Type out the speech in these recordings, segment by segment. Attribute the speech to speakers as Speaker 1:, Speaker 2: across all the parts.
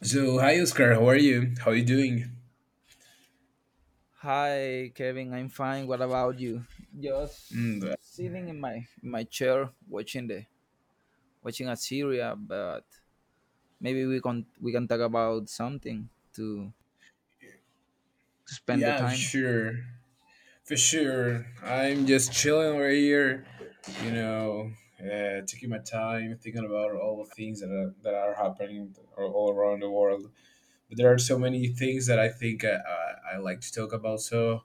Speaker 1: So hi Oscar, how are you? How are you doing?
Speaker 2: Hi, Kevin. I'm fine. What about you? Just
Speaker 1: Mm, uh,
Speaker 2: sitting in my chair watching a series, but maybe we can talk about something to spend the
Speaker 1: yeah, for
Speaker 2: time.
Speaker 1: sure, for sure. I'm just chilling right here, you know, taking my time, thinking about all the things that are happening all around the world. But there are so many things that I think I like to talk about. So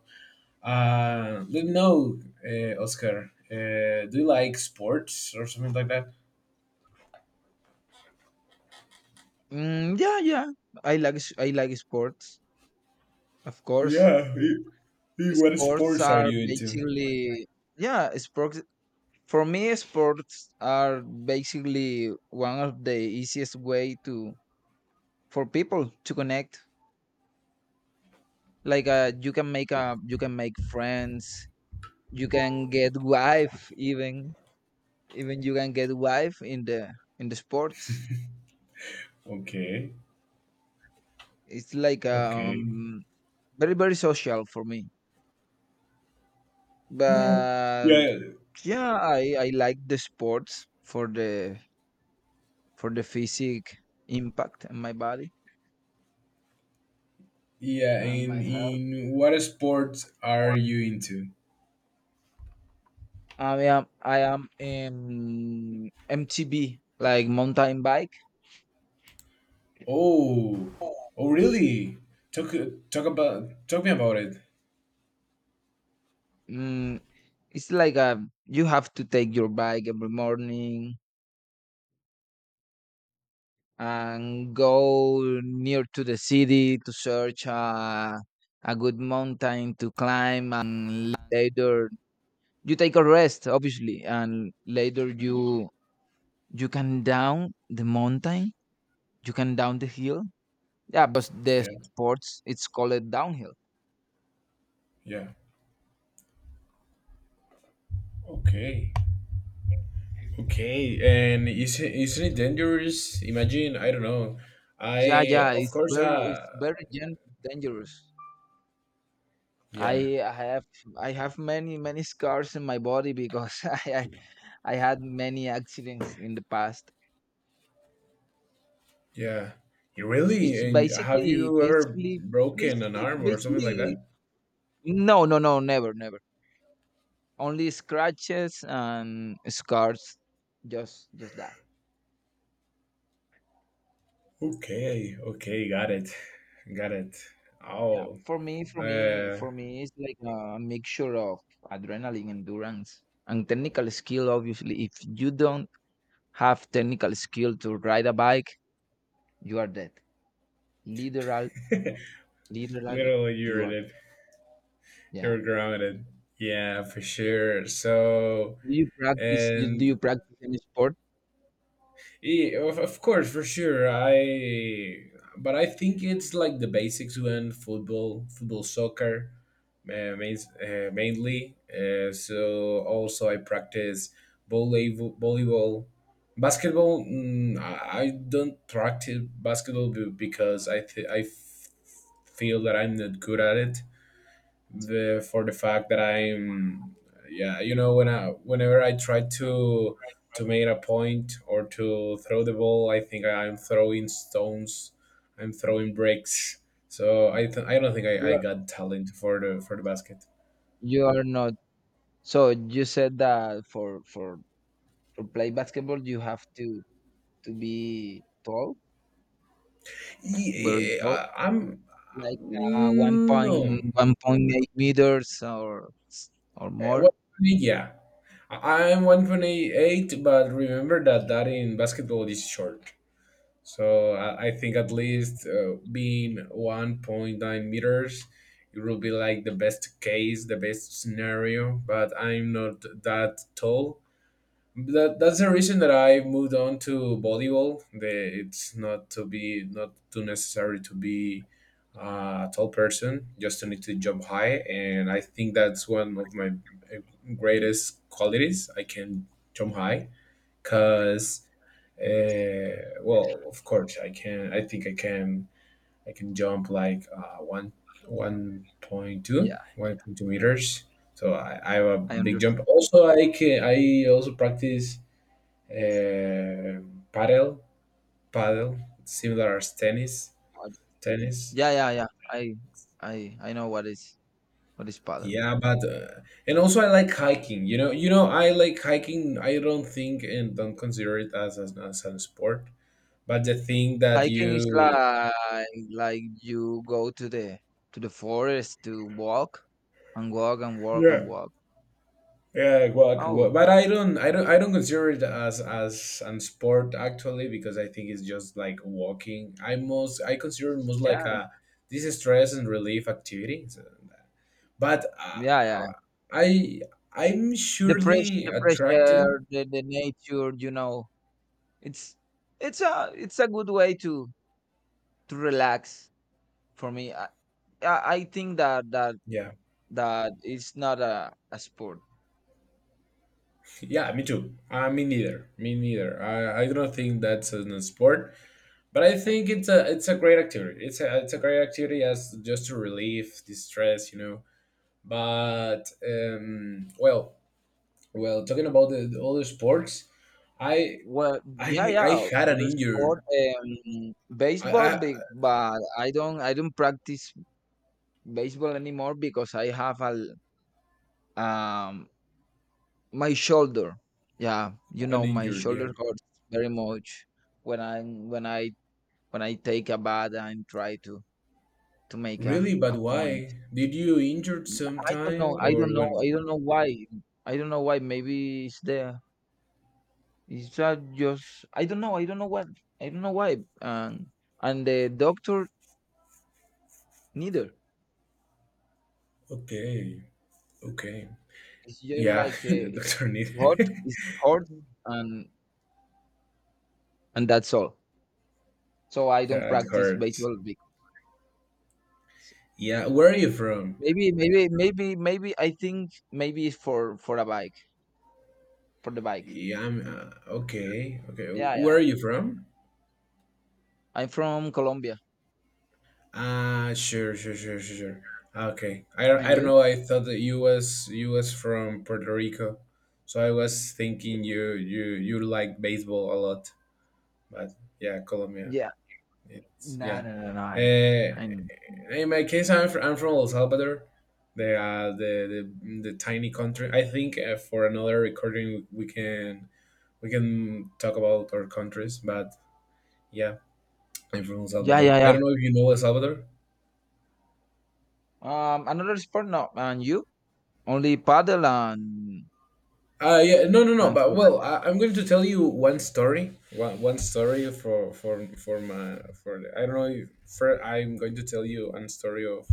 Speaker 1: let me know, Oscar. Do you like sports or something like that?
Speaker 2: Mm, yeah, yeah. I like sports, of course.
Speaker 1: Yeah. What
Speaker 2: Sports
Speaker 1: sports are
Speaker 2: are
Speaker 1: you into?
Speaker 2: basically Yeah, sports for me sports are basically one of the easiest way to for people to connect. Like, you can make a you can make friends, you can get wife even, you can get wife in the sports.
Speaker 1: Okay.
Speaker 2: It's like
Speaker 1: Okay.
Speaker 2: very very social for me. But
Speaker 1: Yeah,
Speaker 2: yeah, I like the sports for the physic impact on my body
Speaker 1: yeah.
Speaker 2: and
Speaker 1: And
Speaker 2: my health.
Speaker 1: in what sports are you into?
Speaker 2: I am in MTB, like mountain bike.
Speaker 1: Oh, oh, really? Talk talk about talk me about it.
Speaker 2: Mm, It's like you have to take your bike every morning and go near to the city to search a good mountain to climb, and later you take a rest, obviously, and later you can down the mountain, you can down the hill. Yeah, but the
Speaker 1: Yeah,
Speaker 2: sports it's called downhill.
Speaker 1: yeah. Okay, okay. And is it isn't it dangerous? Imagine I don't know.
Speaker 2: Yeah,
Speaker 1: I
Speaker 2: yeah,
Speaker 1: of
Speaker 2: it's
Speaker 1: course.
Speaker 2: very it's very gen- dangerous.
Speaker 1: Yeah,
Speaker 2: I I have I have many many scars in my body because I had many accidents in the past.
Speaker 1: yeah. You really?
Speaker 2: It's
Speaker 1: And have
Speaker 2: basically,
Speaker 1: you ever
Speaker 2: basically,
Speaker 1: broken an
Speaker 2: basically,
Speaker 1: arm or something like
Speaker 2: basically.
Speaker 1: that?
Speaker 2: No, no, no, never, never. Only scratches and scars. Just that.
Speaker 1: Okay, okay, got it, got it.
Speaker 2: Yeah.
Speaker 1: Oh, uh,
Speaker 2: For me, it's like a mixture of adrenaline, endurance, and technical skill. Obviously, if you don't have technical skill to ride a bike, you are dead. Literal, Literally,
Speaker 1: Literally, you are
Speaker 2: you are
Speaker 1: it.
Speaker 2: dead.
Speaker 1: You were
Speaker 2: Yeah.
Speaker 1: grounded. Yeah, for sure. So,
Speaker 2: Do you
Speaker 1: and
Speaker 2: practice any sport?
Speaker 1: yeah, of course, for sure. But I think it's like the basics when football, soccer, uh, main, mainly. So also I practice volleyball, basketball. I don't practice basketball because I th- I f- feel that I'm not good at it. The for the fact that I'm, when I whenever I try to make a point or to throw the ball, I think I'm throwing stones, I'm throwing bricks. So I don't think I
Speaker 2: You
Speaker 1: got talent for the basket.
Speaker 2: You are not. So you said that for to play basketball you have to be tall, very
Speaker 1: yeah,
Speaker 2: tall,
Speaker 1: I'm
Speaker 2: like uh, one point
Speaker 1: no.
Speaker 2: 1.8 meters or
Speaker 1: Uh,
Speaker 2: more.
Speaker 1: what yeah I'm 1.8, but remember that in basketball is short. So I think at least being 1.9 meters, it will be like the best case, the best scenario. But I'm not that tall. That's the reason that I moved on to volleyball. It's not to be not too necessary to be a tall person. Just to need to jump high, and I think that's one of my uh, greatest qualities. I can jump high because well, of course, I can. I think I can. I can jump like
Speaker 2: Yeah,
Speaker 1: 1.2 meters. So I have a
Speaker 2: I
Speaker 1: big jump.
Speaker 2: understand.
Speaker 1: Also, I can. I also practice uh, paddle, paddle, similar as
Speaker 2: how it-
Speaker 1: tennis.
Speaker 2: Yeah, yeah, yeah. I know what is paddle.
Speaker 1: Yeah, but and also I like hiking. I like hiking. I don't think and don't consider it as a sport, but the thing that
Speaker 2: Hiking is
Speaker 1: you
Speaker 2: like you go to the forest to walk and walk and walk and
Speaker 1: yeah.
Speaker 2: walk.
Speaker 1: Yeah, exactly. Well,
Speaker 2: Oh,
Speaker 1: but I don't consider it as an sport actually because I think it's just like walking. I consider it most like
Speaker 2: yeah,
Speaker 1: a this is stress and relief activity. So, but uh,
Speaker 2: yeah, yeah.
Speaker 1: uh, I, I'm surely
Speaker 2: The fresh
Speaker 1: attracted.
Speaker 2: air, the nature. It's it's a good way to relax for me. I, I think
Speaker 1: Yeah,
Speaker 2: that it's not a sport.
Speaker 1: yeah, me too. Me neither. I don't think that's a sport, but I
Speaker 2: Uh,
Speaker 1: think it's a great activity. It's a great activity as just to relieve the stress, you know. But well, talking about the other sports, I
Speaker 2: Well, yeah, yeah.
Speaker 1: I had an
Speaker 2: Other
Speaker 1: injured,
Speaker 2: sport, baseball,
Speaker 1: I
Speaker 2: but I don't practice baseball anymore because I have l- um, my shoulder. Yeah,
Speaker 1: an
Speaker 2: my
Speaker 1: injured, yeah.
Speaker 2: shoulder hurts very much when I when I when I take a bath and try to make
Speaker 1: Really, but
Speaker 2: a point.
Speaker 1: why? Did you injured
Speaker 2: Yeah, I don't
Speaker 1: sometime
Speaker 2: know. I
Speaker 1: or
Speaker 2: don't know.
Speaker 1: when?
Speaker 2: I don't know why. I don't know why. Maybe it's there. It's that just I don't know. I don't know what. I don't know why. And the doctor neither.
Speaker 1: Okay, okay,
Speaker 2: It's just
Speaker 1: yeah.
Speaker 2: like
Speaker 1: The doctor
Speaker 2: it's
Speaker 1: needed.
Speaker 2: hot. It's hot and and that's all. So I don't
Speaker 1: Yeah, it
Speaker 2: practice
Speaker 1: hurts.
Speaker 2: baseball because
Speaker 1: Yeah, where are you from?
Speaker 2: maybe I think maybe it's for a bike for the bike.
Speaker 1: Yeah, I'm okay. Okay,
Speaker 2: Yeah,
Speaker 1: where
Speaker 2: yeah.
Speaker 1: are you from?
Speaker 2: I'm from Colombia.
Speaker 1: Ah, sure, sure, sure, sure, sure. Ah, okay,
Speaker 2: And
Speaker 1: I don't
Speaker 2: you?
Speaker 1: know. I thought that you was from Puerto Rico, so I was thinking you like baseball a lot. But yeah, Colombia.
Speaker 2: Yeah.
Speaker 1: It's
Speaker 2: No,
Speaker 1: yeah.
Speaker 2: no, no, no.
Speaker 1: Uh,
Speaker 2: I
Speaker 1: in my case, I'm from El Salvador, the tiny country. I think for another recording we can talk about our countries. But yeah, I'm from El
Speaker 2: Yeah,
Speaker 1: Salvador.
Speaker 2: yeah,
Speaker 1: I
Speaker 2: yeah.
Speaker 1: don't know if you know El Salvador.
Speaker 2: Another sport now, and you only paddle
Speaker 1: Yeah, no, no, no.
Speaker 2: and
Speaker 1: But
Speaker 2: foot.
Speaker 1: well, I'm going to tell you one story. One story for I don't know. If, for I'm going to tell you one story of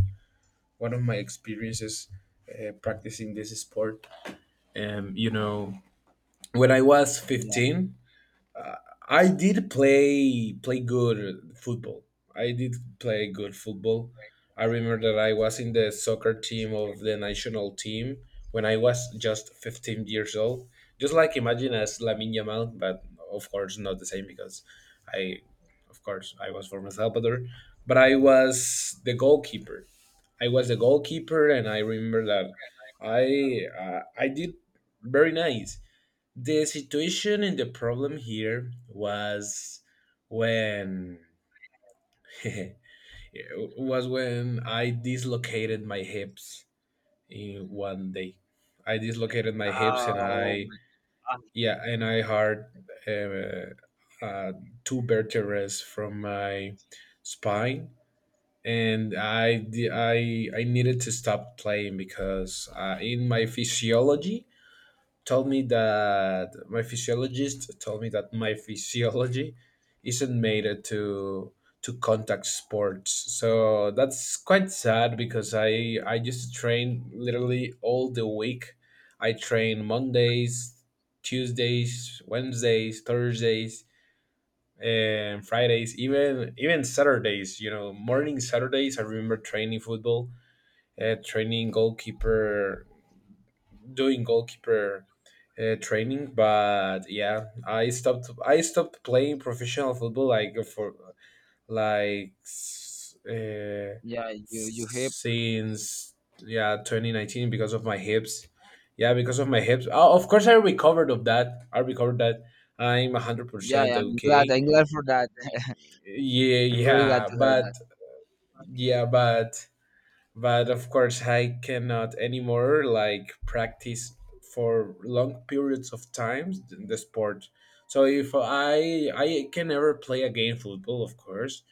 Speaker 1: one of my experiences practicing this sport. You know, when I was
Speaker 2: Yeah.
Speaker 1: 15. I did play good football. I did play good football. I remember that I was in the soccer team of the national team when I was just 15 years old. Just like imagine as Lamine Yamal, but of course not the same because I, of course, I was from El Salvador, but I was the goalkeeper. I was the goalkeeper, and I remember that I did very nice. The situation and the problem here was when was when I dislocated my hips in one day. I dislocated my hips and
Speaker 2: Um.
Speaker 1: I
Speaker 2: um,
Speaker 1: yeah and I hurt uh, uh, two vertebrae from my spine, and I di- I needed to stop playing because in my physiology told me that my physiologist told me that my physiology isn't made it to contact sports. So that's quite sad because I just train literally all the week. I train Mondays, Tuesdays, Wednesdays, Thursdays, and Fridays, even even Saturdays. You know, morning Saturdays. I remember training football, training goalkeeper doing goalkeeper training, but yeah, I stopped. I stopped playing professional football like like s- uh,
Speaker 2: yeah. You hip.
Speaker 1: since yeah 2019 because of my hips. Yeah, because of my hips. Oh, of course, I recovered of that. I recovered that. I'm
Speaker 2: Yeah.
Speaker 1: 100%
Speaker 2: Yeah, I'm glad.
Speaker 1: okay.
Speaker 2: I'm glad for that.
Speaker 1: Yeah,
Speaker 2: I'm very glad
Speaker 1: yeah,
Speaker 2: to hear
Speaker 1: but
Speaker 2: that.
Speaker 1: yeah, but of course I cannot anymore like practice for long periods of times the sport, so if I can never play again football of course,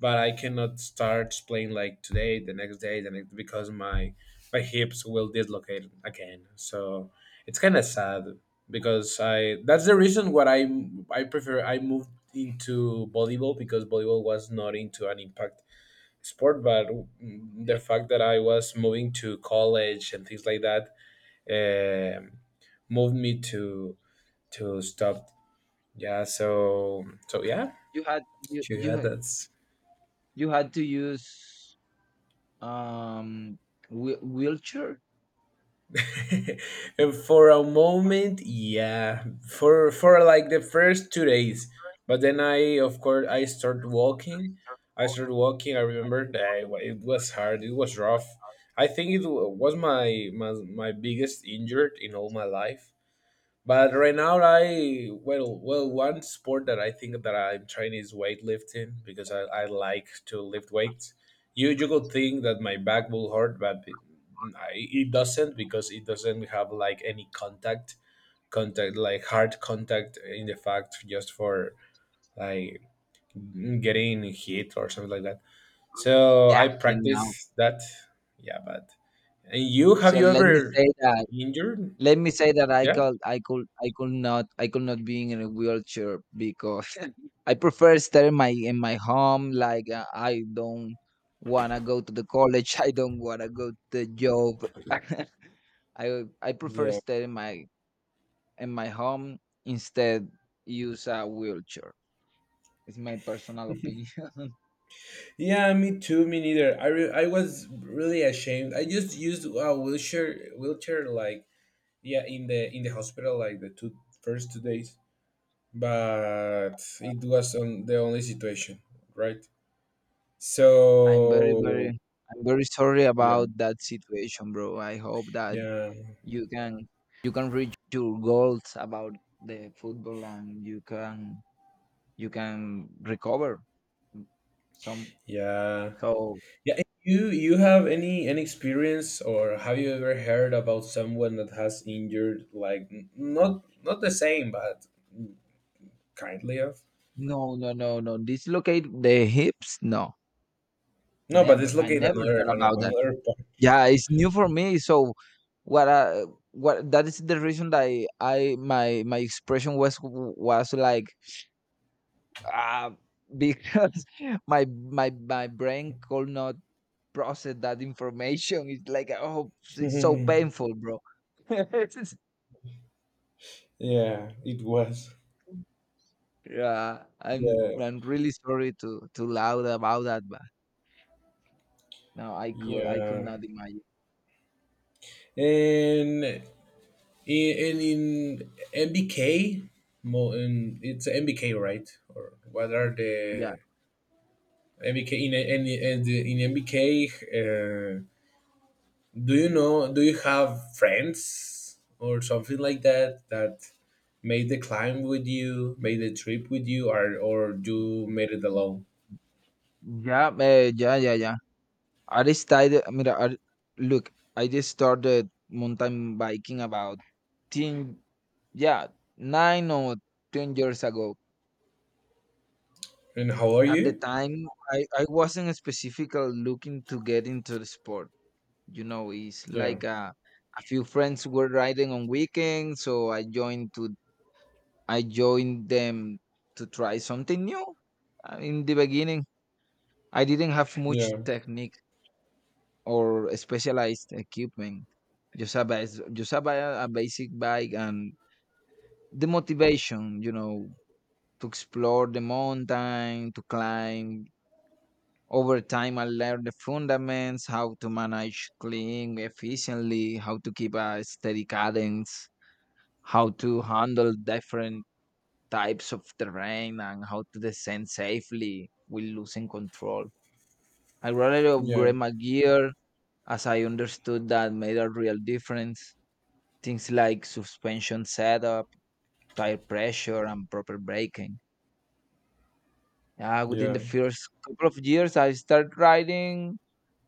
Speaker 1: but I cannot start playing like today the next day the next, because my hips will dislocate again. So it's kind of sad because I that's the reason what I prefer. I moved into volleyball because volleyball was not into an impact sport, but the
Speaker 2: Okay.
Speaker 1: fact that I was moving to college and things like that um, moved me to stop. Yeah, so so yeah,
Speaker 2: You had you you
Speaker 1: yeah,
Speaker 2: had-
Speaker 1: that's
Speaker 2: you had to use um wheelchair.
Speaker 1: and for a moment, yeah, for like the first 2 days, but then I of course I started walking. I started walking. I remember that it was hard. It was rough. I think was my biggest injury in all my life. But right now, well, one sport that I think that I'm trying is weightlifting because I like to lift weights. You could think that my back will hurt, but it doesn't, because it doesn't have like any contact like hard contact in the fact just for like getting hit or something like that. So I
Speaker 2: Yeah. And now,
Speaker 1: practice that. Yeah, but and you have
Speaker 2: so
Speaker 1: you
Speaker 2: let me
Speaker 1: ever
Speaker 2: say that.
Speaker 1: injured?
Speaker 2: Let me say that I
Speaker 1: Yeah.
Speaker 2: could I could I could not, I could not being in a wheelchair because. I prefer stay in my home. Like I don't wanna go to the college. I don't wanna go to the job. I I prefer
Speaker 1: Yeah,
Speaker 2: stay in my home instead use a wheelchair. It's my personal opinion.
Speaker 1: yeah, me too. Me neither. I was really ashamed. I just used a wheelchair like yeah in the hospital like the two first two days, but it was on the only situation, right?
Speaker 2: I'm very very
Speaker 1: So
Speaker 2: I'm very sorry
Speaker 1: yeah,
Speaker 2: about that situation, bro. I hope that
Speaker 1: yeah,
Speaker 2: you can you can reach your goals about the football and you can recover some.
Speaker 1: yeah,
Speaker 2: So
Speaker 1: yeah. and you have any experience or have you ever heard about someone that has injured like not not the same but kindly of?
Speaker 2: no, no, no, no. Dislocate the hips? No,
Speaker 1: No, but it's
Speaker 2: never. I
Speaker 1: located
Speaker 2: never
Speaker 1: another
Speaker 2: heard about that.
Speaker 1: another part.
Speaker 2: Yeah, it's new for me. So what? What? That is the reason that I my expression was like, ah, because my brain could not process that information. It's like, oh, it's so painful, bro. It's-
Speaker 1: yeah, it was.
Speaker 2: yeah,
Speaker 1: Yeah,
Speaker 2: I'm really sorry to loud about that, but no, I could
Speaker 1: yeah.
Speaker 2: not imagine.
Speaker 1: And in MBK, it's MBK, right? Or what are
Speaker 2: Yeah.
Speaker 1: the MBK in in in, the- in MBK? Do you know? Do you have friends or something like that that made the climb with you, made the trip with you, or you made it alone?
Speaker 2: Yeah, yeah, yeah, yeah. I just started, mira, I, Look, I just started mountain biking about 10, yeah, 9 or 10 years ago.
Speaker 1: And how are
Speaker 2: At the
Speaker 1: you?
Speaker 2: time, I wasn't specifically looking to get into the sport. It's
Speaker 1: Yeah,
Speaker 2: like a few friends were riding on weekends, so I joined them to try something new. In the beginning, I didn't have much
Speaker 1: yeah,
Speaker 2: technique or specialized equipment. Just a bas- just a, ba- A basic bike and the motivation, you know, to explore the mountain, to climb. Over time, I learned the fundamentals, how to manage clean efficiently, how to keep a steady cadence, how to handle different types of terrain, and how to descend safely with losing control. I rather
Speaker 1: yeah,
Speaker 2: upgrade my gear as I understood that made a real difference. Things like suspension setup, tire pressure, and proper braking. Yeah, within
Speaker 1: yeah.
Speaker 2: the first couple of years, I started riding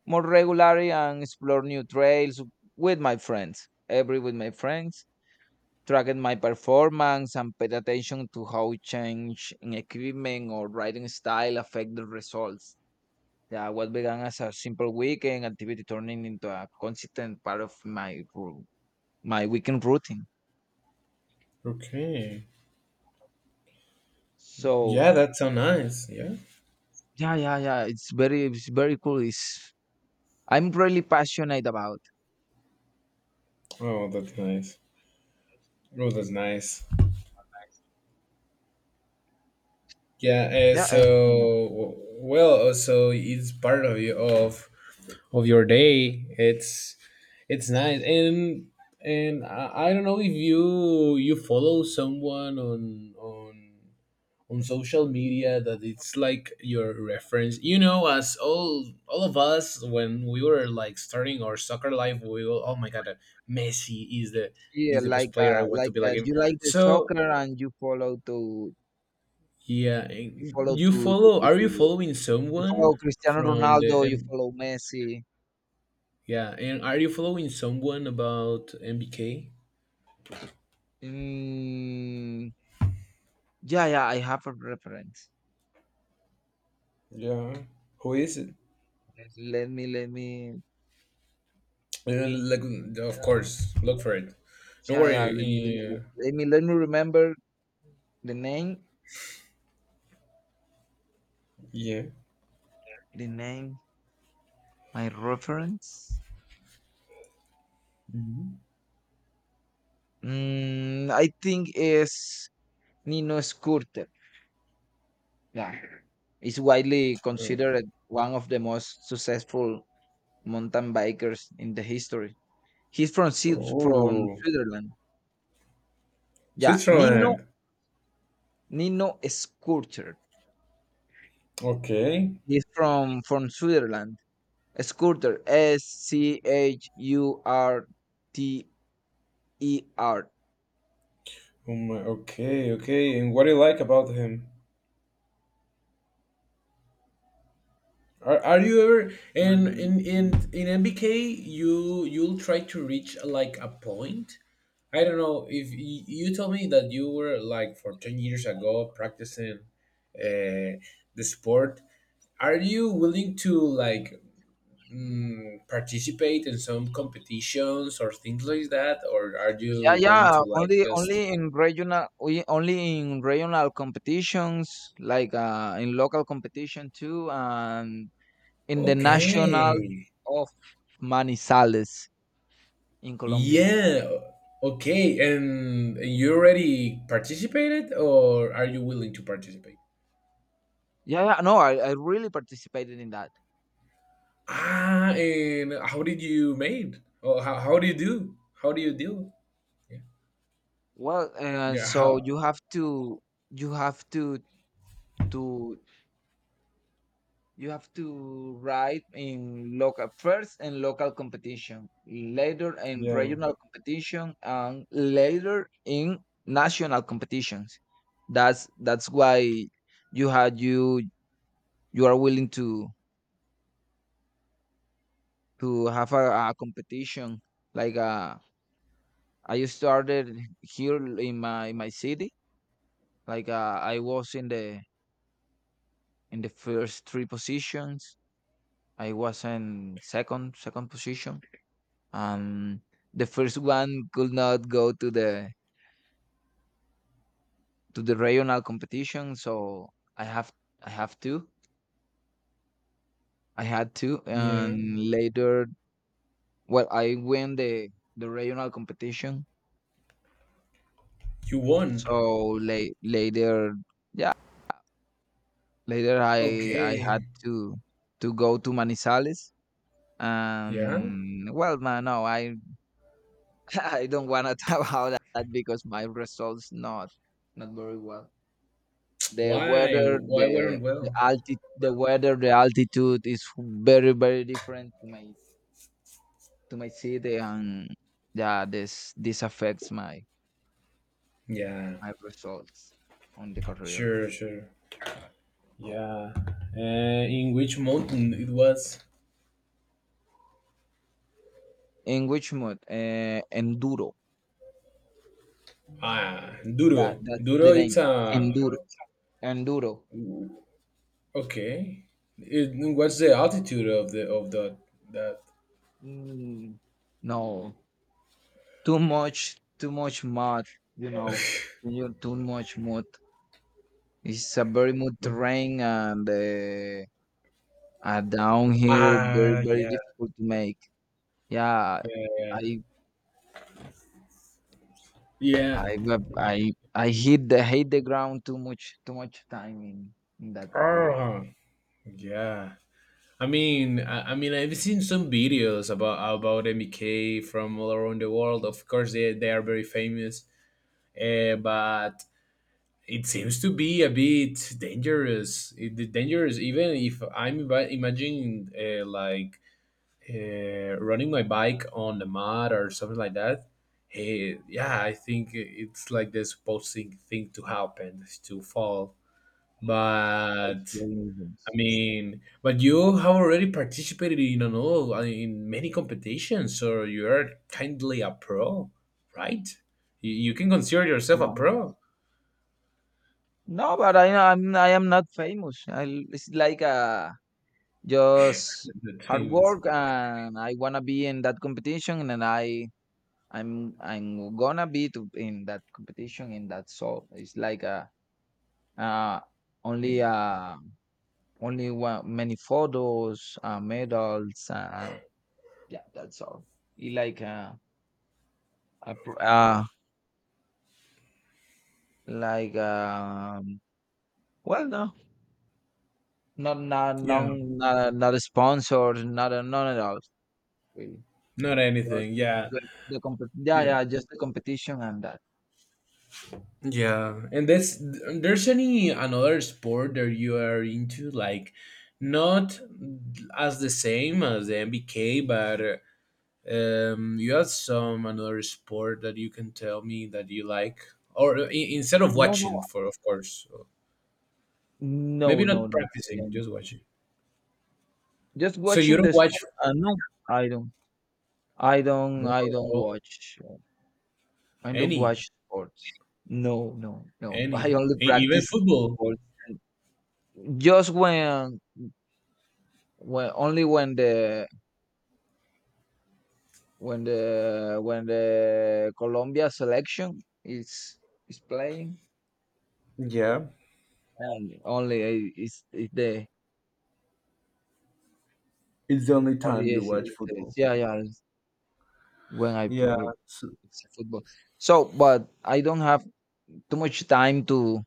Speaker 2: more regularly and explore new trails with my friends. Every With my friends, tracking my performance and paid attention to how change in equipment or riding style affect the results. Yeah, what began as a simple weekend activity turning into a consistent part of my weekend routine.
Speaker 1: Okay.
Speaker 2: So
Speaker 1: Yeah, that's so nice. Yeah.
Speaker 2: yeah, yeah, yeah. It's very cool. It's I'm really passionate about.
Speaker 1: Oh, that's nice. Oh, that's nice. Yeah.
Speaker 2: Yeah,
Speaker 1: So it's part of you of your day. It's nice, and I don't know if you you follow someone on social media that it's like your reference. You know, as all of us when we were like starting our soccer life, we were, oh my god, Messi
Speaker 2: yeah,
Speaker 1: is the best player. I want to be like him.
Speaker 2: you like the
Speaker 1: So
Speaker 2: soccer and
Speaker 1: yeah,
Speaker 2: you follow
Speaker 1: you follow? Are you
Speaker 2: to
Speaker 1: following
Speaker 2: you
Speaker 1: someone
Speaker 2: follow Cristiano
Speaker 1: from the
Speaker 2: Ronaldo, you
Speaker 1: M?
Speaker 2: follow Messi.
Speaker 1: Yeah, and are you following someone about MBK?
Speaker 2: Mm, yeah, yeah. I have a reference.
Speaker 1: Yeah. Who is it?
Speaker 2: Let me, let me.
Speaker 1: Uh, like, of course, look for it. Don't
Speaker 2: Yeah, yeah.
Speaker 1: worry. Uh,
Speaker 2: Let me remember the name.
Speaker 1: Yeah.
Speaker 2: The name. My reference. I think is Nino Scurter. Yeah. Is widely considered one of the most successful mountain bikers in the history. He's from from
Speaker 1: Oh.
Speaker 2: Switzerland. Yeah,
Speaker 1: Switzerland.
Speaker 2: Nino Scurter.
Speaker 1: Okay.
Speaker 2: He's from Switzerland. Scurter, Schurter.
Speaker 1: Oh my. Okay. Okay. And what do you like about him? Are you ever in
Speaker 2: Mm,
Speaker 1: MBK? You you'll try to reach like a point. I don't know if you told me that you were like for 10 years ago practicing uh, the sport. Are you willing to like participate in some competitions or things like that, or are
Speaker 2: Yeah,
Speaker 1: you going
Speaker 2: yeah.
Speaker 1: to like just
Speaker 2: Only in regional, we only in regional competitions, like in local competition too, and in the National
Speaker 1: okay?
Speaker 2: of Manizales in Colombia.
Speaker 1: Yeah. Okay. And you already participated, or are you willing to participate?
Speaker 2: Yeah, yeah, no, I really participated in that.
Speaker 1: Ah, and how did you made? Or how do you do? How do you deal? Yeah.
Speaker 2: Well, and
Speaker 1: Yeah.
Speaker 2: so
Speaker 1: How?
Speaker 2: you have to, to, you have to write in local first in local competition, later in
Speaker 1: Yeah,
Speaker 2: regional competition, and later in national competitions. That's why you had, you are willing to have a competition like a, I started here in my city. Like I was in the first three positions. I was in second position. Um, the first one could not go to the regional competition, so I have I have to I had to,
Speaker 1: yeah.
Speaker 2: and later, well, I win the regional competition.
Speaker 1: You won.
Speaker 2: So la- later later I
Speaker 1: Okay.
Speaker 2: had to go to Manizales.
Speaker 1: Yeah.
Speaker 2: Well, man, no, I I don't wanna talk about that because my results not very well. The
Speaker 1: Why?
Speaker 2: weather,
Speaker 1: Why weren't well?
Speaker 2: the altitude is very very different to my city, and yeah, this affects
Speaker 1: Yeah.
Speaker 2: my results on the career.
Speaker 1: Sure. Sure. Yeah. In which mountain it was?
Speaker 2: In which mode? Enduro.
Speaker 1: Ah,
Speaker 2: Yeah,
Speaker 1: Duro.
Speaker 2: that's
Speaker 1: Duro.
Speaker 2: the name.
Speaker 1: It's a
Speaker 2: Enduro. Enduro.
Speaker 1: okay. What's the altitude of the that?
Speaker 2: Mm, no. Too much mud, you know. Too much mud. It's a very mud terrain and a downhill very
Speaker 1: Ah,
Speaker 2: very
Speaker 1: yeah,
Speaker 2: difficult to make. Yeah,
Speaker 1: yeah, yeah,
Speaker 2: i
Speaker 1: yeah.
Speaker 2: i I hit the ground too much time in that career.
Speaker 1: Oh, yeah. I mean, I've seen some videos about MK from all around the world. Of course, they are very famous, but it seems to be a bit dangerous. Dangerous, even if I'm imagining like running my bike on the mud or something like that. Hey, yeah, I think it's like the supposed thing to happen is to fall.
Speaker 2: Yeah,
Speaker 1: But
Speaker 2: it's very
Speaker 1: I
Speaker 2: dangerous.
Speaker 1: mean, but you have already participated in an all in many competitions, so you are kindly a pro, right? You can consider yourself a
Speaker 2: Yeah.
Speaker 1: pro.
Speaker 2: No, but I am not famous. It's like, just
Speaker 1: The
Speaker 2: hard
Speaker 1: famous,
Speaker 2: work, and I want to be in that competition, and I'm gonna be to in that competition in that. So it's like a, uh only, only one, many photos, medals, yeah, that's all. It like, a, like, well, no, not
Speaker 1: yeah,
Speaker 2: not, not a sponsor, not a, none at all, really,
Speaker 1: not
Speaker 2: just
Speaker 1: anything, yeah,
Speaker 2: like the compet, yeah,
Speaker 1: yeah.
Speaker 2: yeah, just the competition and that.
Speaker 1: Yeah, and that's there's any another sport that you are into, like not as the same as the MBK, but you have some another sport that you can tell me that you like, or I instead of
Speaker 2: No, no,
Speaker 1: watching, for of course, so, maybe
Speaker 2: no,
Speaker 1: not
Speaker 2: no, no. I
Speaker 1: practicing,
Speaker 2: don't.
Speaker 1: just watching.
Speaker 2: Just
Speaker 1: So you
Speaker 2: watching
Speaker 1: don't
Speaker 2: the
Speaker 1: watch
Speaker 2: sport, no. I don't I don't I don't
Speaker 1: no,
Speaker 2: watch I don't
Speaker 1: any,
Speaker 2: watch sports. No, no, no. I
Speaker 1: any,
Speaker 2: only
Speaker 1: even
Speaker 2: practice
Speaker 1: football.
Speaker 2: sports just when, only when the when the when the Colombia selection is playing,
Speaker 1: Yeah,
Speaker 2: and only I- is the
Speaker 1: it's
Speaker 2: only, is, yeah, yeah, is when
Speaker 1: yeah. So,
Speaker 2: it's football. So, but I don't have too much time to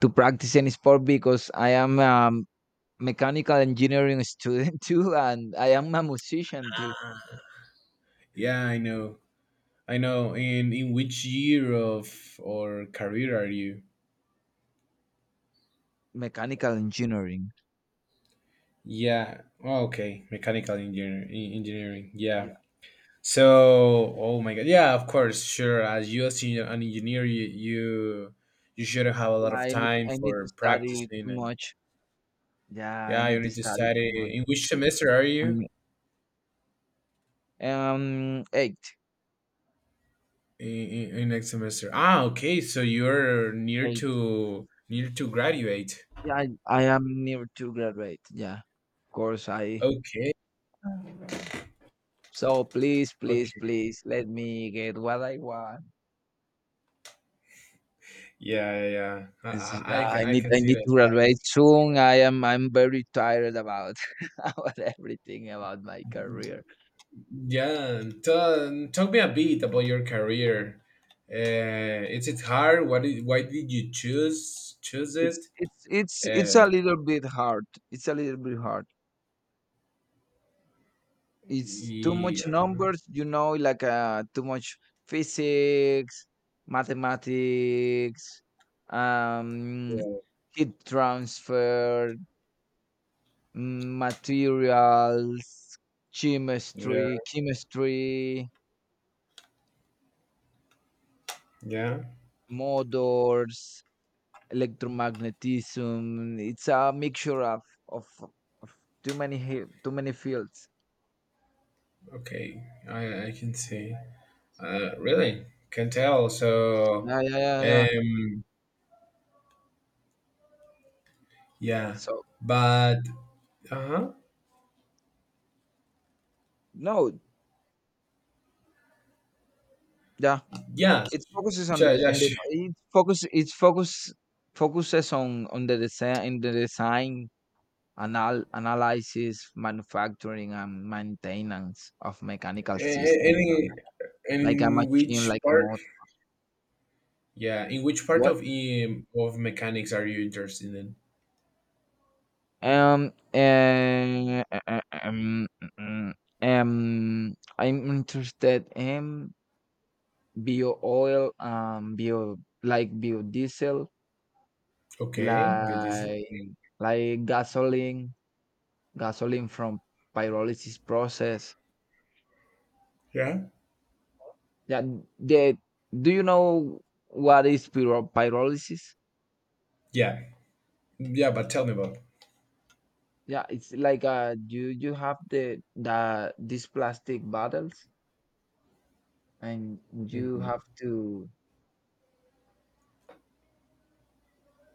Speaker 2: practice any sport because I am, mechanical engineering student too, and I am a musician too.
Speaker 1: yeah, I know. I know. In which year of or career are you?
Speaker 2: Mechanical engineering.
Speaker 1: Yeah. Oh, okay. Mechanical engineer, engineering.
Speaker 2: Yeah,
Speaker 1: Yeah. So, oh my God. Yeah, of course. Sure. As you as an engineer, you you shouldn't have a lot
Speaker 2: yeah
Speaker 1: of
Speaker 2: I need
Speaker 1: time
Speaker 2: I need to
Speaker 1: for
Speaker 2: study
Speaker 1: practicing,
Speaker 2: too
Speaker 1: and
Speaker 2: much. Yeah, I
Speaker 1: yeah, you
Speaker 2: need to
Speaker 1: need to
Speaker 2: study too
Speaker 1: study.
Speaker 2: much.
Speaker 1: In which semester are you?
Speaker 2: And eight,
Speaker 1: In next semester. Ah, okay. So you're
Speaker 2: eight.
Speaker 1: near to graduate.
Speaker 2: Yeah, I am near to graduate. Yeah, of course I.
Speaker 1: Okay.
Speaker 2: Um, so please, please,
Speaker 1: Okay.
Speaker 2: please let me get what I want.
Speaker 1: Yeah, yeah,
Speaker 2: It's
Speaker 1: yeah.
Speaker 2: like,
Speaker 1: I can
Speaker 2: I
Speaker 1: I
Speaker 2: need
Speaker 1: can
Speaker 2: I
Speaker 1: see
Speaker 2: need to
Speaker 1: that.
Speaker 2: graduate soon. I'm very tired about about everything about my career.
Speaker 1: Yeah, talk me a bit about your career. Is it hard? Why did you choose it?
Speaker 2: It's a
Speaker 1: Uh,
Speaker 2: little bit hard. It's a little bit hard. It's too much
Speaker 1: yeah,
Speaker 2: numbers, you know, like too much physics, mathematics, um,
Speaker 1: yeah,
Speaker 2: heat transfer, materials,
Speaker 1: yeah,
Speaker 2: chemistry,
Speaker 1: yeah.
Speaker 2: motors, electromagnetism. It's a mixture of, of too many fields.
Speaker 1: Okay, I can see. Really can tell. So,
Speaker 2: Yeah, yeah, yeah, yeah.
Speaker 1: um, yeah,
Speaker 2: So
Speaker 1: but uh-huh,
Speaker 2: no, yeah,
Speaker 1: yeah,
Speaker 2: it focuses
Speaker 1: yeah, yeah.
Speaker 2: on the
Speaker 1: Sure.
Speaker 2: it focus focuses on the design in the design anal analysis, manufacturing and maintenance of mechanical system. You know,
Speaker 1: Any, and
Speaker 2: like a
Speaker 1: in
Speaker 2: machine,
Speaker 1: which
Speaker 2: like a
Speaker 1: part?
Speaker 2: motor.
Speaker 1: Yeah. In which part
Speaker 2: What?
Speaker 1: of mechanics are you interested in?
Speaker 2: Um. eh, eh, eh, Um. mm, I'm interested in bio oil, bio like biodiesel,
Speaker 1: Okay, biodiesel.
Speaker 2: like like gasoline from pyrolysis process.
Speaker 1: Yeah.
Speaker 2: Yeah, the do you know what is pyrolysis?
Speaker 1: Yeah. Yeah, but tell me about.
Speaker 2: Yeah, it's like you have the these plastic bottles and you
Speaker 1: Hmm.
Speaker 2: have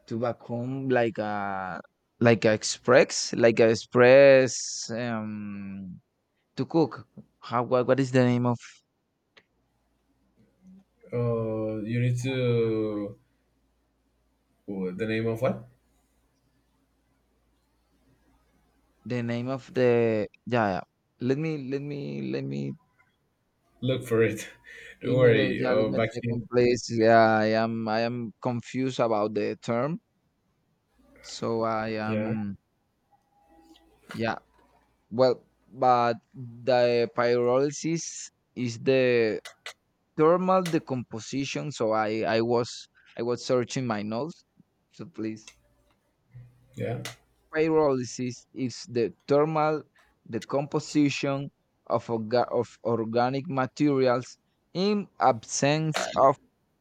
Speaker 2: to vacuum like a express to cook. How what is the name of
Speaker 1: You need to oh, the name of what?
Speaker 2: the name of the yeah, yeah. Let me
Speaker 1: Look for it. Don't
Speaker 2: linear
Speaker 1: worry. Oh,
Speaker 2: algebra
Speaker 1: back here.
Speaker 2: second place. Yeah, I am confused about the term. So I
Speaker 1: Yeah.
Speaker 2: am yeah. Well, but the pyrolysis is the thermal decomposition. So I was I was searching my notes. So please,
Speaker 1: Yeah.
Speaker 2: pyrolysis is the thermal decomposition of organic materials in absence of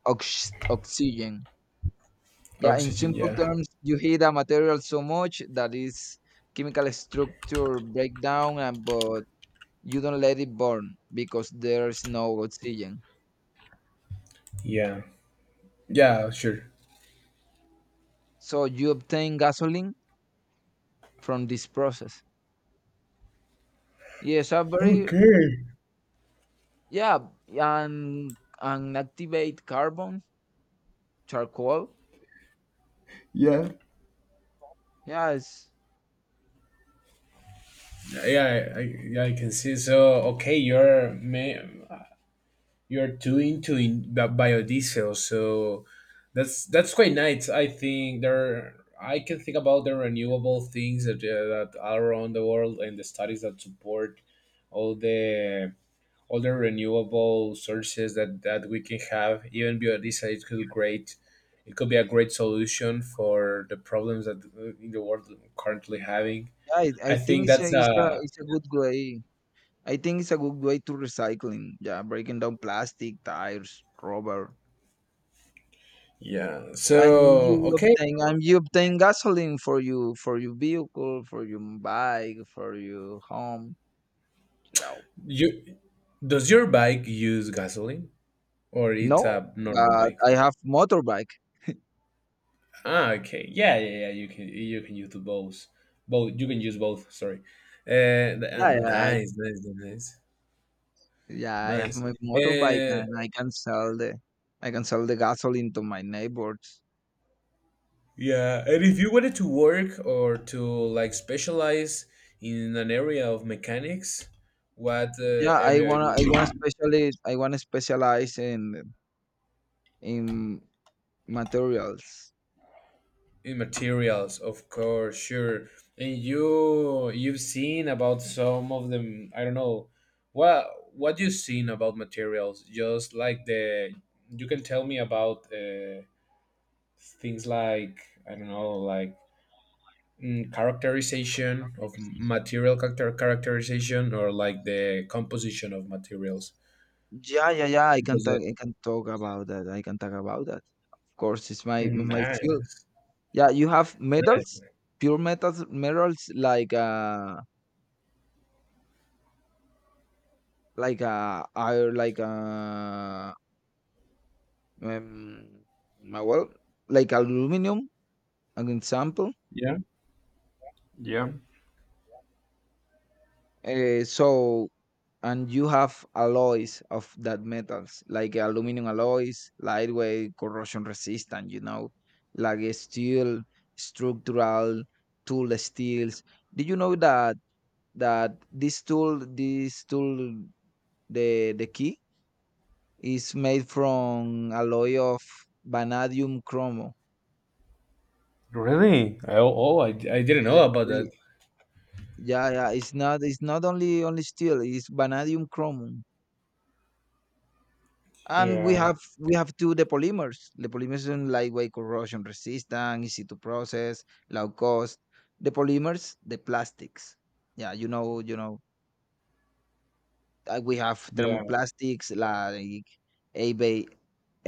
Speaker 2: oxygen. Yeah, in
Speaker 1: Oxygen.
Speaker 2: simple
Speaker 1: Yeah.
Speaker 2: terms, you heat a material so much that its chemical structure break down, and but you don't let it burn because there is no oxygen.
Speaker 1: Yeah. Yeah. Sure.
Speaker 2: So you obtain gasoline from this process. Yes, a very
Speaker 1: Okay.
Speaker 2: yeah, and and activate carbon, charcoal.
Speaker 1: Yeah.
Speaker 2: Yes,
Speaker 1: Yeah. Yeah, I can see. So okay, you're too into in biodiesel, so that's quite nice. I think there I can think about the renewable things that, that are around the world and the studies that support all the all the renewable sources that that we can have. Even biodiesel it could great, it could be a great solution for the problems that in the world currently having.
Speaker 2: yeah, I
Speaker 1: I
Speaker 2: think
Speaker 1: think
Speaker 2: it's a,
Speaker 1: that's
Speaker 2: it's a
Speaker 1: a
Speaker 2: it's a good way. I think it's a good way to recycling. Yeah, breaking down plastic, tires, rubber.
Speaker 1: yeah
Speaker 2: And
Speaker 1: so
Speaker 2: you
Speaker 1: okay.
Speaker 2: obtain gasoline for you for your vehicle, for your bike, for your home. No.
Speaker 1: you Does your bike use gasoline or it's
Speaker 2: No,
Speaker 1: a normal
Speaker 2: but
Speaker 1: bike?
Speaker 2: I have motorbike.
Speaker 1: Ah, okay. Yeah, yeah, yeah. You can use the both. Both you can use both. Sorry. Uh,
Speaker 2: Yeah, yeah,
Speaker 1: Nice, nice, nice,
Speaker 2: yeah. I have
Speaker 1: nice.
Speaker 2: my motorbike,
Speaker 1: Uh,
Speaker 2: and I can sell the I can sell the gasoline to my neighbors.
Speaker 1: yeah. And if you wanted to work or to like specialize in an area of mechanics, what
Speaker 2: Yeah, I
Speaker 1: area it
Speaker 2: wanna I wanna
Speaker 1: would
Speaker 2: specialize I wanna specialize in materials.
Speaker 1: in materials of course sure. And you you've seen about some of them. I don't know what what you've seen about materials. Just like the you can tell me about things like I don't know like characterization of material characterization or like the composition of materials
Speaker 2: Yeah, yeah, yeah. I can
Speaker 1: because
Speaker 2: talk
Speaker 1: it
Speaker 2: I can talk about that. I can talk about that. Of course, it's my field.
Speaker 1: nice
Speaker 2: Yeah, you have
Speaker 1: nice
Speaker 2: metals, pure metals, minerals like iron, like um, uh, well, like aluminum, an example.
Speaker 1: yeah
Speaker 2: So and you have alloys of that metals, like aluminum alloys, lightweight, corrosion resistant. You know, like steel, structural tool steels. Did you know that this tool, the key? It's made from alloy of vanadium chromo.
Speaker 1: really. Oh, oh, I didn't know
Speaker 2: Really,
Speaker 1: about that
Speaker 2: really. Yeah, yeah. It's not only steel, it's vanadium chromium. And
Speaker 1: yeah
Speaker 2: we have two the polymers. The polymers are lightweight corrosion resistant, easy to process, low cost. The polymers, the plastics. Yeah, you know, we have
Speaker 1: yeah.
Speaker 2: thermoplastics like ABA,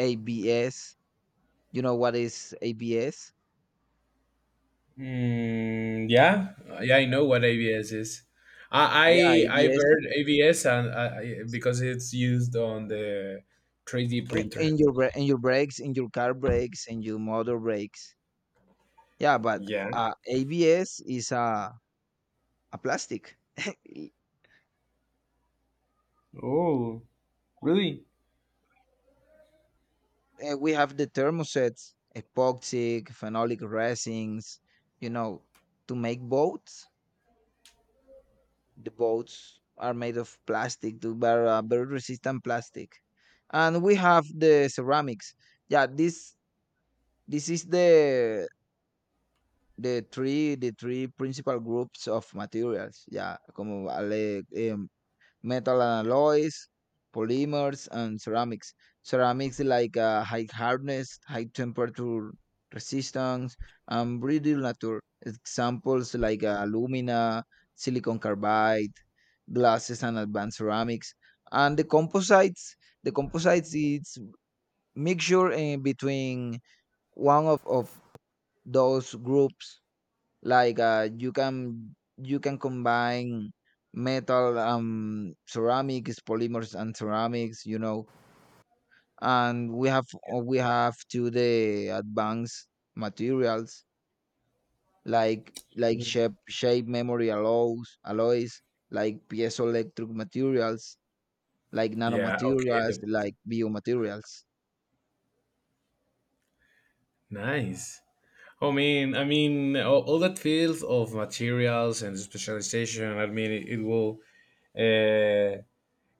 Speaker 2: ABS. You know what is ABS?
Speaker 1: Yeah, yeah, I know what ABS is.
Speaker 2: Yeah,
Speaker 1: I've
Speaker 2: ABS
Speaker 1: heard ABS and because it's used on the 3D printer.
Speaker 2: in your in your brakes, in your car brakes, in your motor brakes. Yeah, but
Speaker 1: Yeah.
Speaker 2: ABS is a plastic. And we have the thermosets, epoxic, phenolic resins. You know, to make boats, the boats are made of plastic, to very very resistant plastic. And we have the ceramics. Yeah, this is the three principal groups of materials yeah como vale metal alloys, polymers, and ceramics. Ceramics like high hardness, high temperature resistance, and brittle nature. Examples like alumina, silicon carbide, glasses, and advanced ceramics. And the composites is mixture in between one of those groups. Like, you can combine metal, ceramics, polymers, and ceramics. You know, and we have to the advanced materials like shape memory alloys like piezoelectric materials like
Speaker 1: Yeah. Okay.
Speaker 2: nanomaterials like biomaterials.
Speaker 1: Nice. I mean, all that field of materials and specialization. I mean, it will. Uh,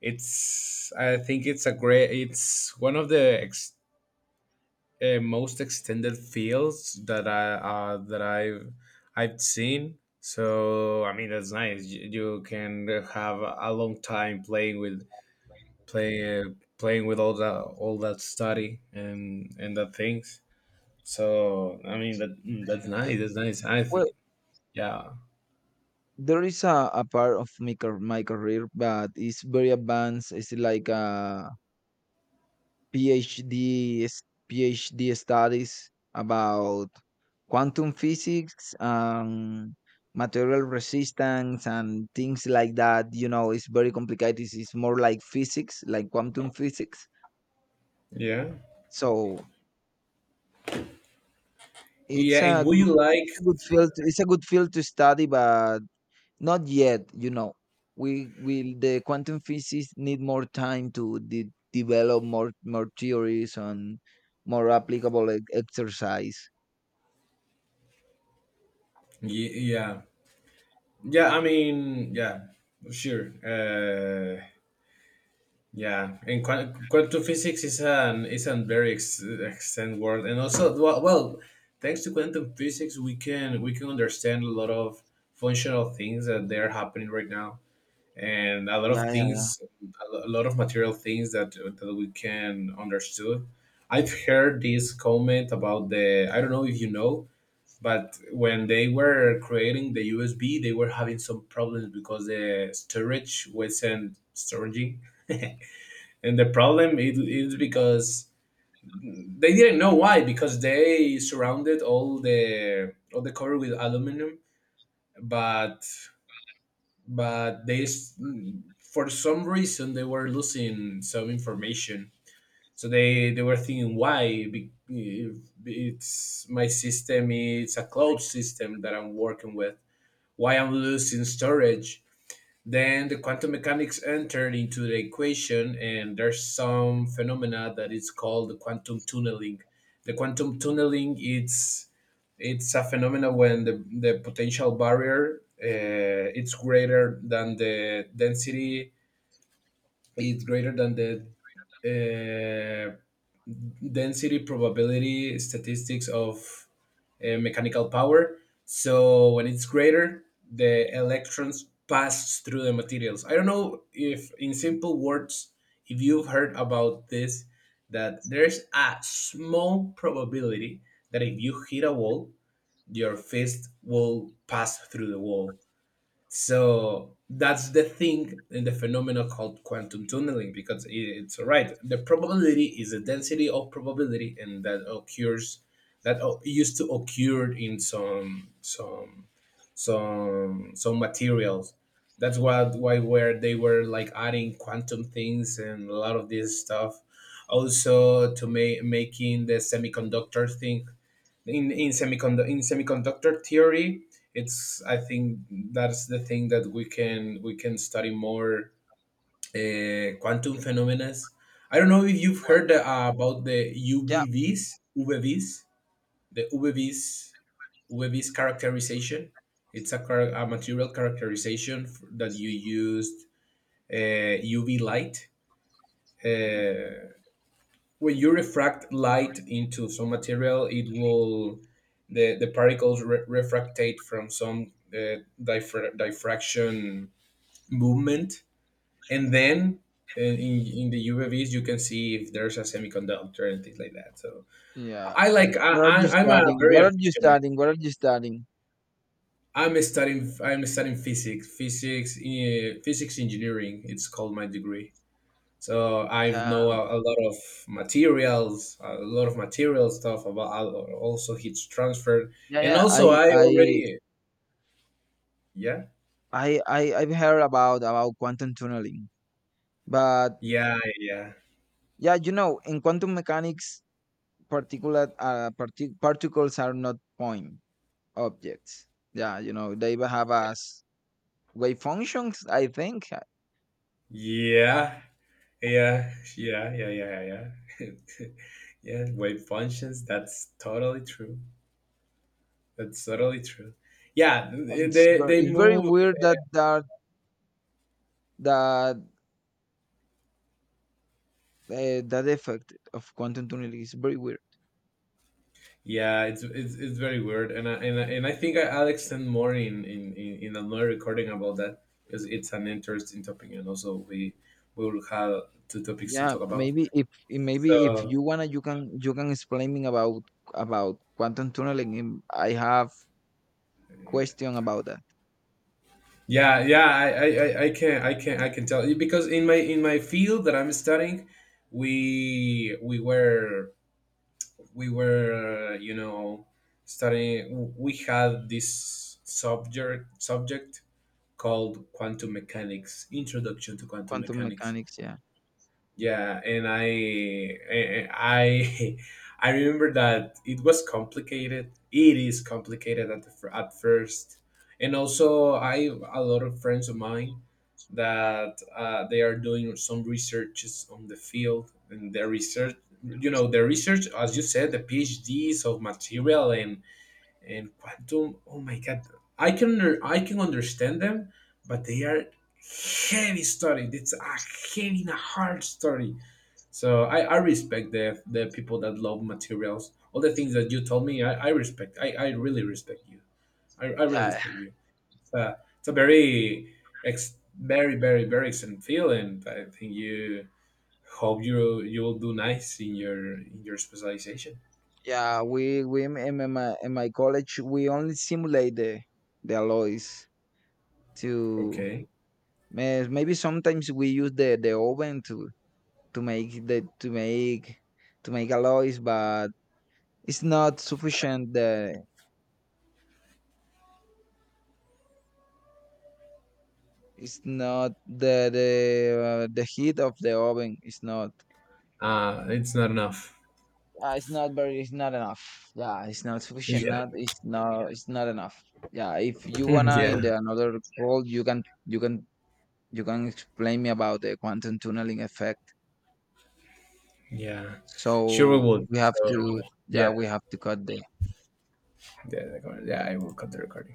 Speaker 1: it's. I think it's a great. It's one of the most extended fields that I that I've seen. So I mean that's nice. You can have a long time playing with play uh, playing with all that study and that things. So I mean that that's nice. That's nice.
Speaker 2: Well,
Speaker 1: Yeah
Speaker 2: there is a part of my career, but it's very advanced. It's like a PhD s- PhD studies about quantum physics and material resistance and things like that. You know, it's very complicated. It's more like physics, like quantum physics. Okay.
Speaker 1: yeah
Speaker 2: So
Speaker 1: yeah.
Speaker 2: it's
Speaker 1: And
Speaker 2: a
Speaker 1: would
Speaker 2: good,
Speaker 1: you like?
Speaker 2: it's a good field. To, it's a good field to study, but not yet. You know, we will the quantum physics need more time to develop more more theories and more applicable exercise.
Speaker 1: Yeah yeah. I mean yeah. Sure. Yeah, and quantum physics is an is a very extended world, and also well, well, thanks to quantum physics, we can understand a lot of functional things that they're happening right now, and a lot of
Speaker 2: Yeah, yeah, yeah.
Speaker 1: things, a lot of material things that that we can understood. I've heard this comment about the I don't know if you know, but when they were creating the USB, they were having some problems because the storage wasn't storaging. And the problem is because they didn't know why, because they surrounded all the cover with aluminum, but but for some reason they were losing some information, so they were thinking why. If it's my system, it's a cloud system that I'm working with, why I'm losing storage? Then the quantum mechanics entered into the equation, and there's some phenomena that is called the quantum tunneling. The quantum tunneling, it's a phenomena when the potential barrier it's greater than the density, it's greater than the uh, density probability statistics of mechanical power. So when it's greater, the electrons pass through the materials. I don't know if, in simple words, if you've heard about this, that there's a small probability that if you hit a wall, your fist will pass through the wall. So that's the thing in the phenomena called quantum tunneling, because it's right. The probability is a density of probability, and that occurs that used to occur in some materials. That's what why where they were like adding quantum things and a lot of this stuff. Also to make making the semiconductor thing in semiconductor, in semiconductor theory, it's I think that's the thing that we can study more quantum phenomena. I don't know if you've
Speaker 2: Well,
Speaker 1: heard about the
Speaker 2: yeah,
Speaker 1: ubvs uvvs, the uvvs characterization. It's a, a material characterization that you used uv light. uh, when you refract light into some material, it will the particles refractate from some diffraction movement, and then in the UVs you can see if there's a semiconductor and things like that. So
Speaker 2: yeah.
Speaker 1: I like
Speaker 2: What are you
Speaker 1: I I'm a
Speaker 2: studying?
Speaker 1: very
Speaker 2: What are you
Speaker 1: efficient.
Speaker 2: studying? What are you studying?
Speaker 1: I'm studying physics physics engineering. It's called my degree. So I know
Speaker 2: Um,
Speaker 1: a lot of materials, a lot of material stuff about also heat transfer,
Speaker 2: yeah,
Speaker 1: and
Speaker 2: yeah.
Speaker 1: also
Speaker 2: I,
Speaker 1: I
Speaker 2: I,
Speaker 1: already yeah
Speaker 2: I, I, I've heard about quantum tunneling, but
Speaker 1: yeah yeah
Speaker 2: yeah, you know, in quantum mechanics, particulate particles are not point objects. Yeah, you know, they have as wave functions. I think
Speaker 1: yeah yeah yeah yeah yeah yeah yeah wave functions. That's totally true. That's totally true. Yeah,
Speaker 2: It's
Speaker 1: they
Speaker 2: it's very
Speaker 1: move
Speaker 2: weird that that effect of quantum tunneling is very weird.
Speaker 1: yeah, it's very weird, and I think I'll extend more in another recording about that, because it's an interesting topic, and also we will have two topics to
Speaker 2: Yeah,
Speaker 1: talk about.
Speaker 2: maybe if maybe if
Speaker 1: So
Speaker 2: you wanna, you can explain me about quantum tunneling. In- I have question about that
Speaker 1: yeah, yeah, I can I can I can tell you because in my field that I'm studying, we we were we were you know studying, we had this subject called quantum mechanics, introduction to quantum
Speaker 2: quantum
Speaker 1: mechanics.
Speaker 2: mechanics. Yeah,
Speaker 1: Yeah, and I I remember that it was complicated. It is complicated at at first, and also I have a lot of friends of mine that they are doing some researches on the field and their research. You know, their research, as you said, the PhDs of material and quantum. Oh my God, I can understand them, but they are heavy study. It's a heavy and a hard study, so I respect the people that love materials. All the things that you told me, I respect. I really respect you. I really
Speaker 2: yeah,
Speaker 1: respect you. It's a very ex, very very very excellent feeling. I think you hope you you'll do nice in your specialization.
Speaker 2: yeah. We in my college we only simulate the alloys to
Speaker 1: Okay.
Speaker 2: maybe sometimes we use the oven to make the to make alloys, but it's not sufficient. The it's not the the heat of the oven is not.
Speaker 1: It's not enough.
Speaker 2: It's not very. It's not enough. Yeah, it's not sufficient.
Speaker 1: Yeah.
Speaker 2: Not. It's not. It's not enough. Yeah. If you wanna in
Speaker 1: Yeah.
Speaker 2: the another call, you can. You can. You can explain me about the quantum tunneling effect.
Speaker 1: Yeah. Sure we
Speaker 2: So
Speaker 1: would.
Speaker 2: we have
Speaker 1: So
Speaker 2: to.
Speaker 1: yeah.
Speaker 2: Yeah, we have to cut the
Speaker 1: Yeah, yeah, I will cut the recording.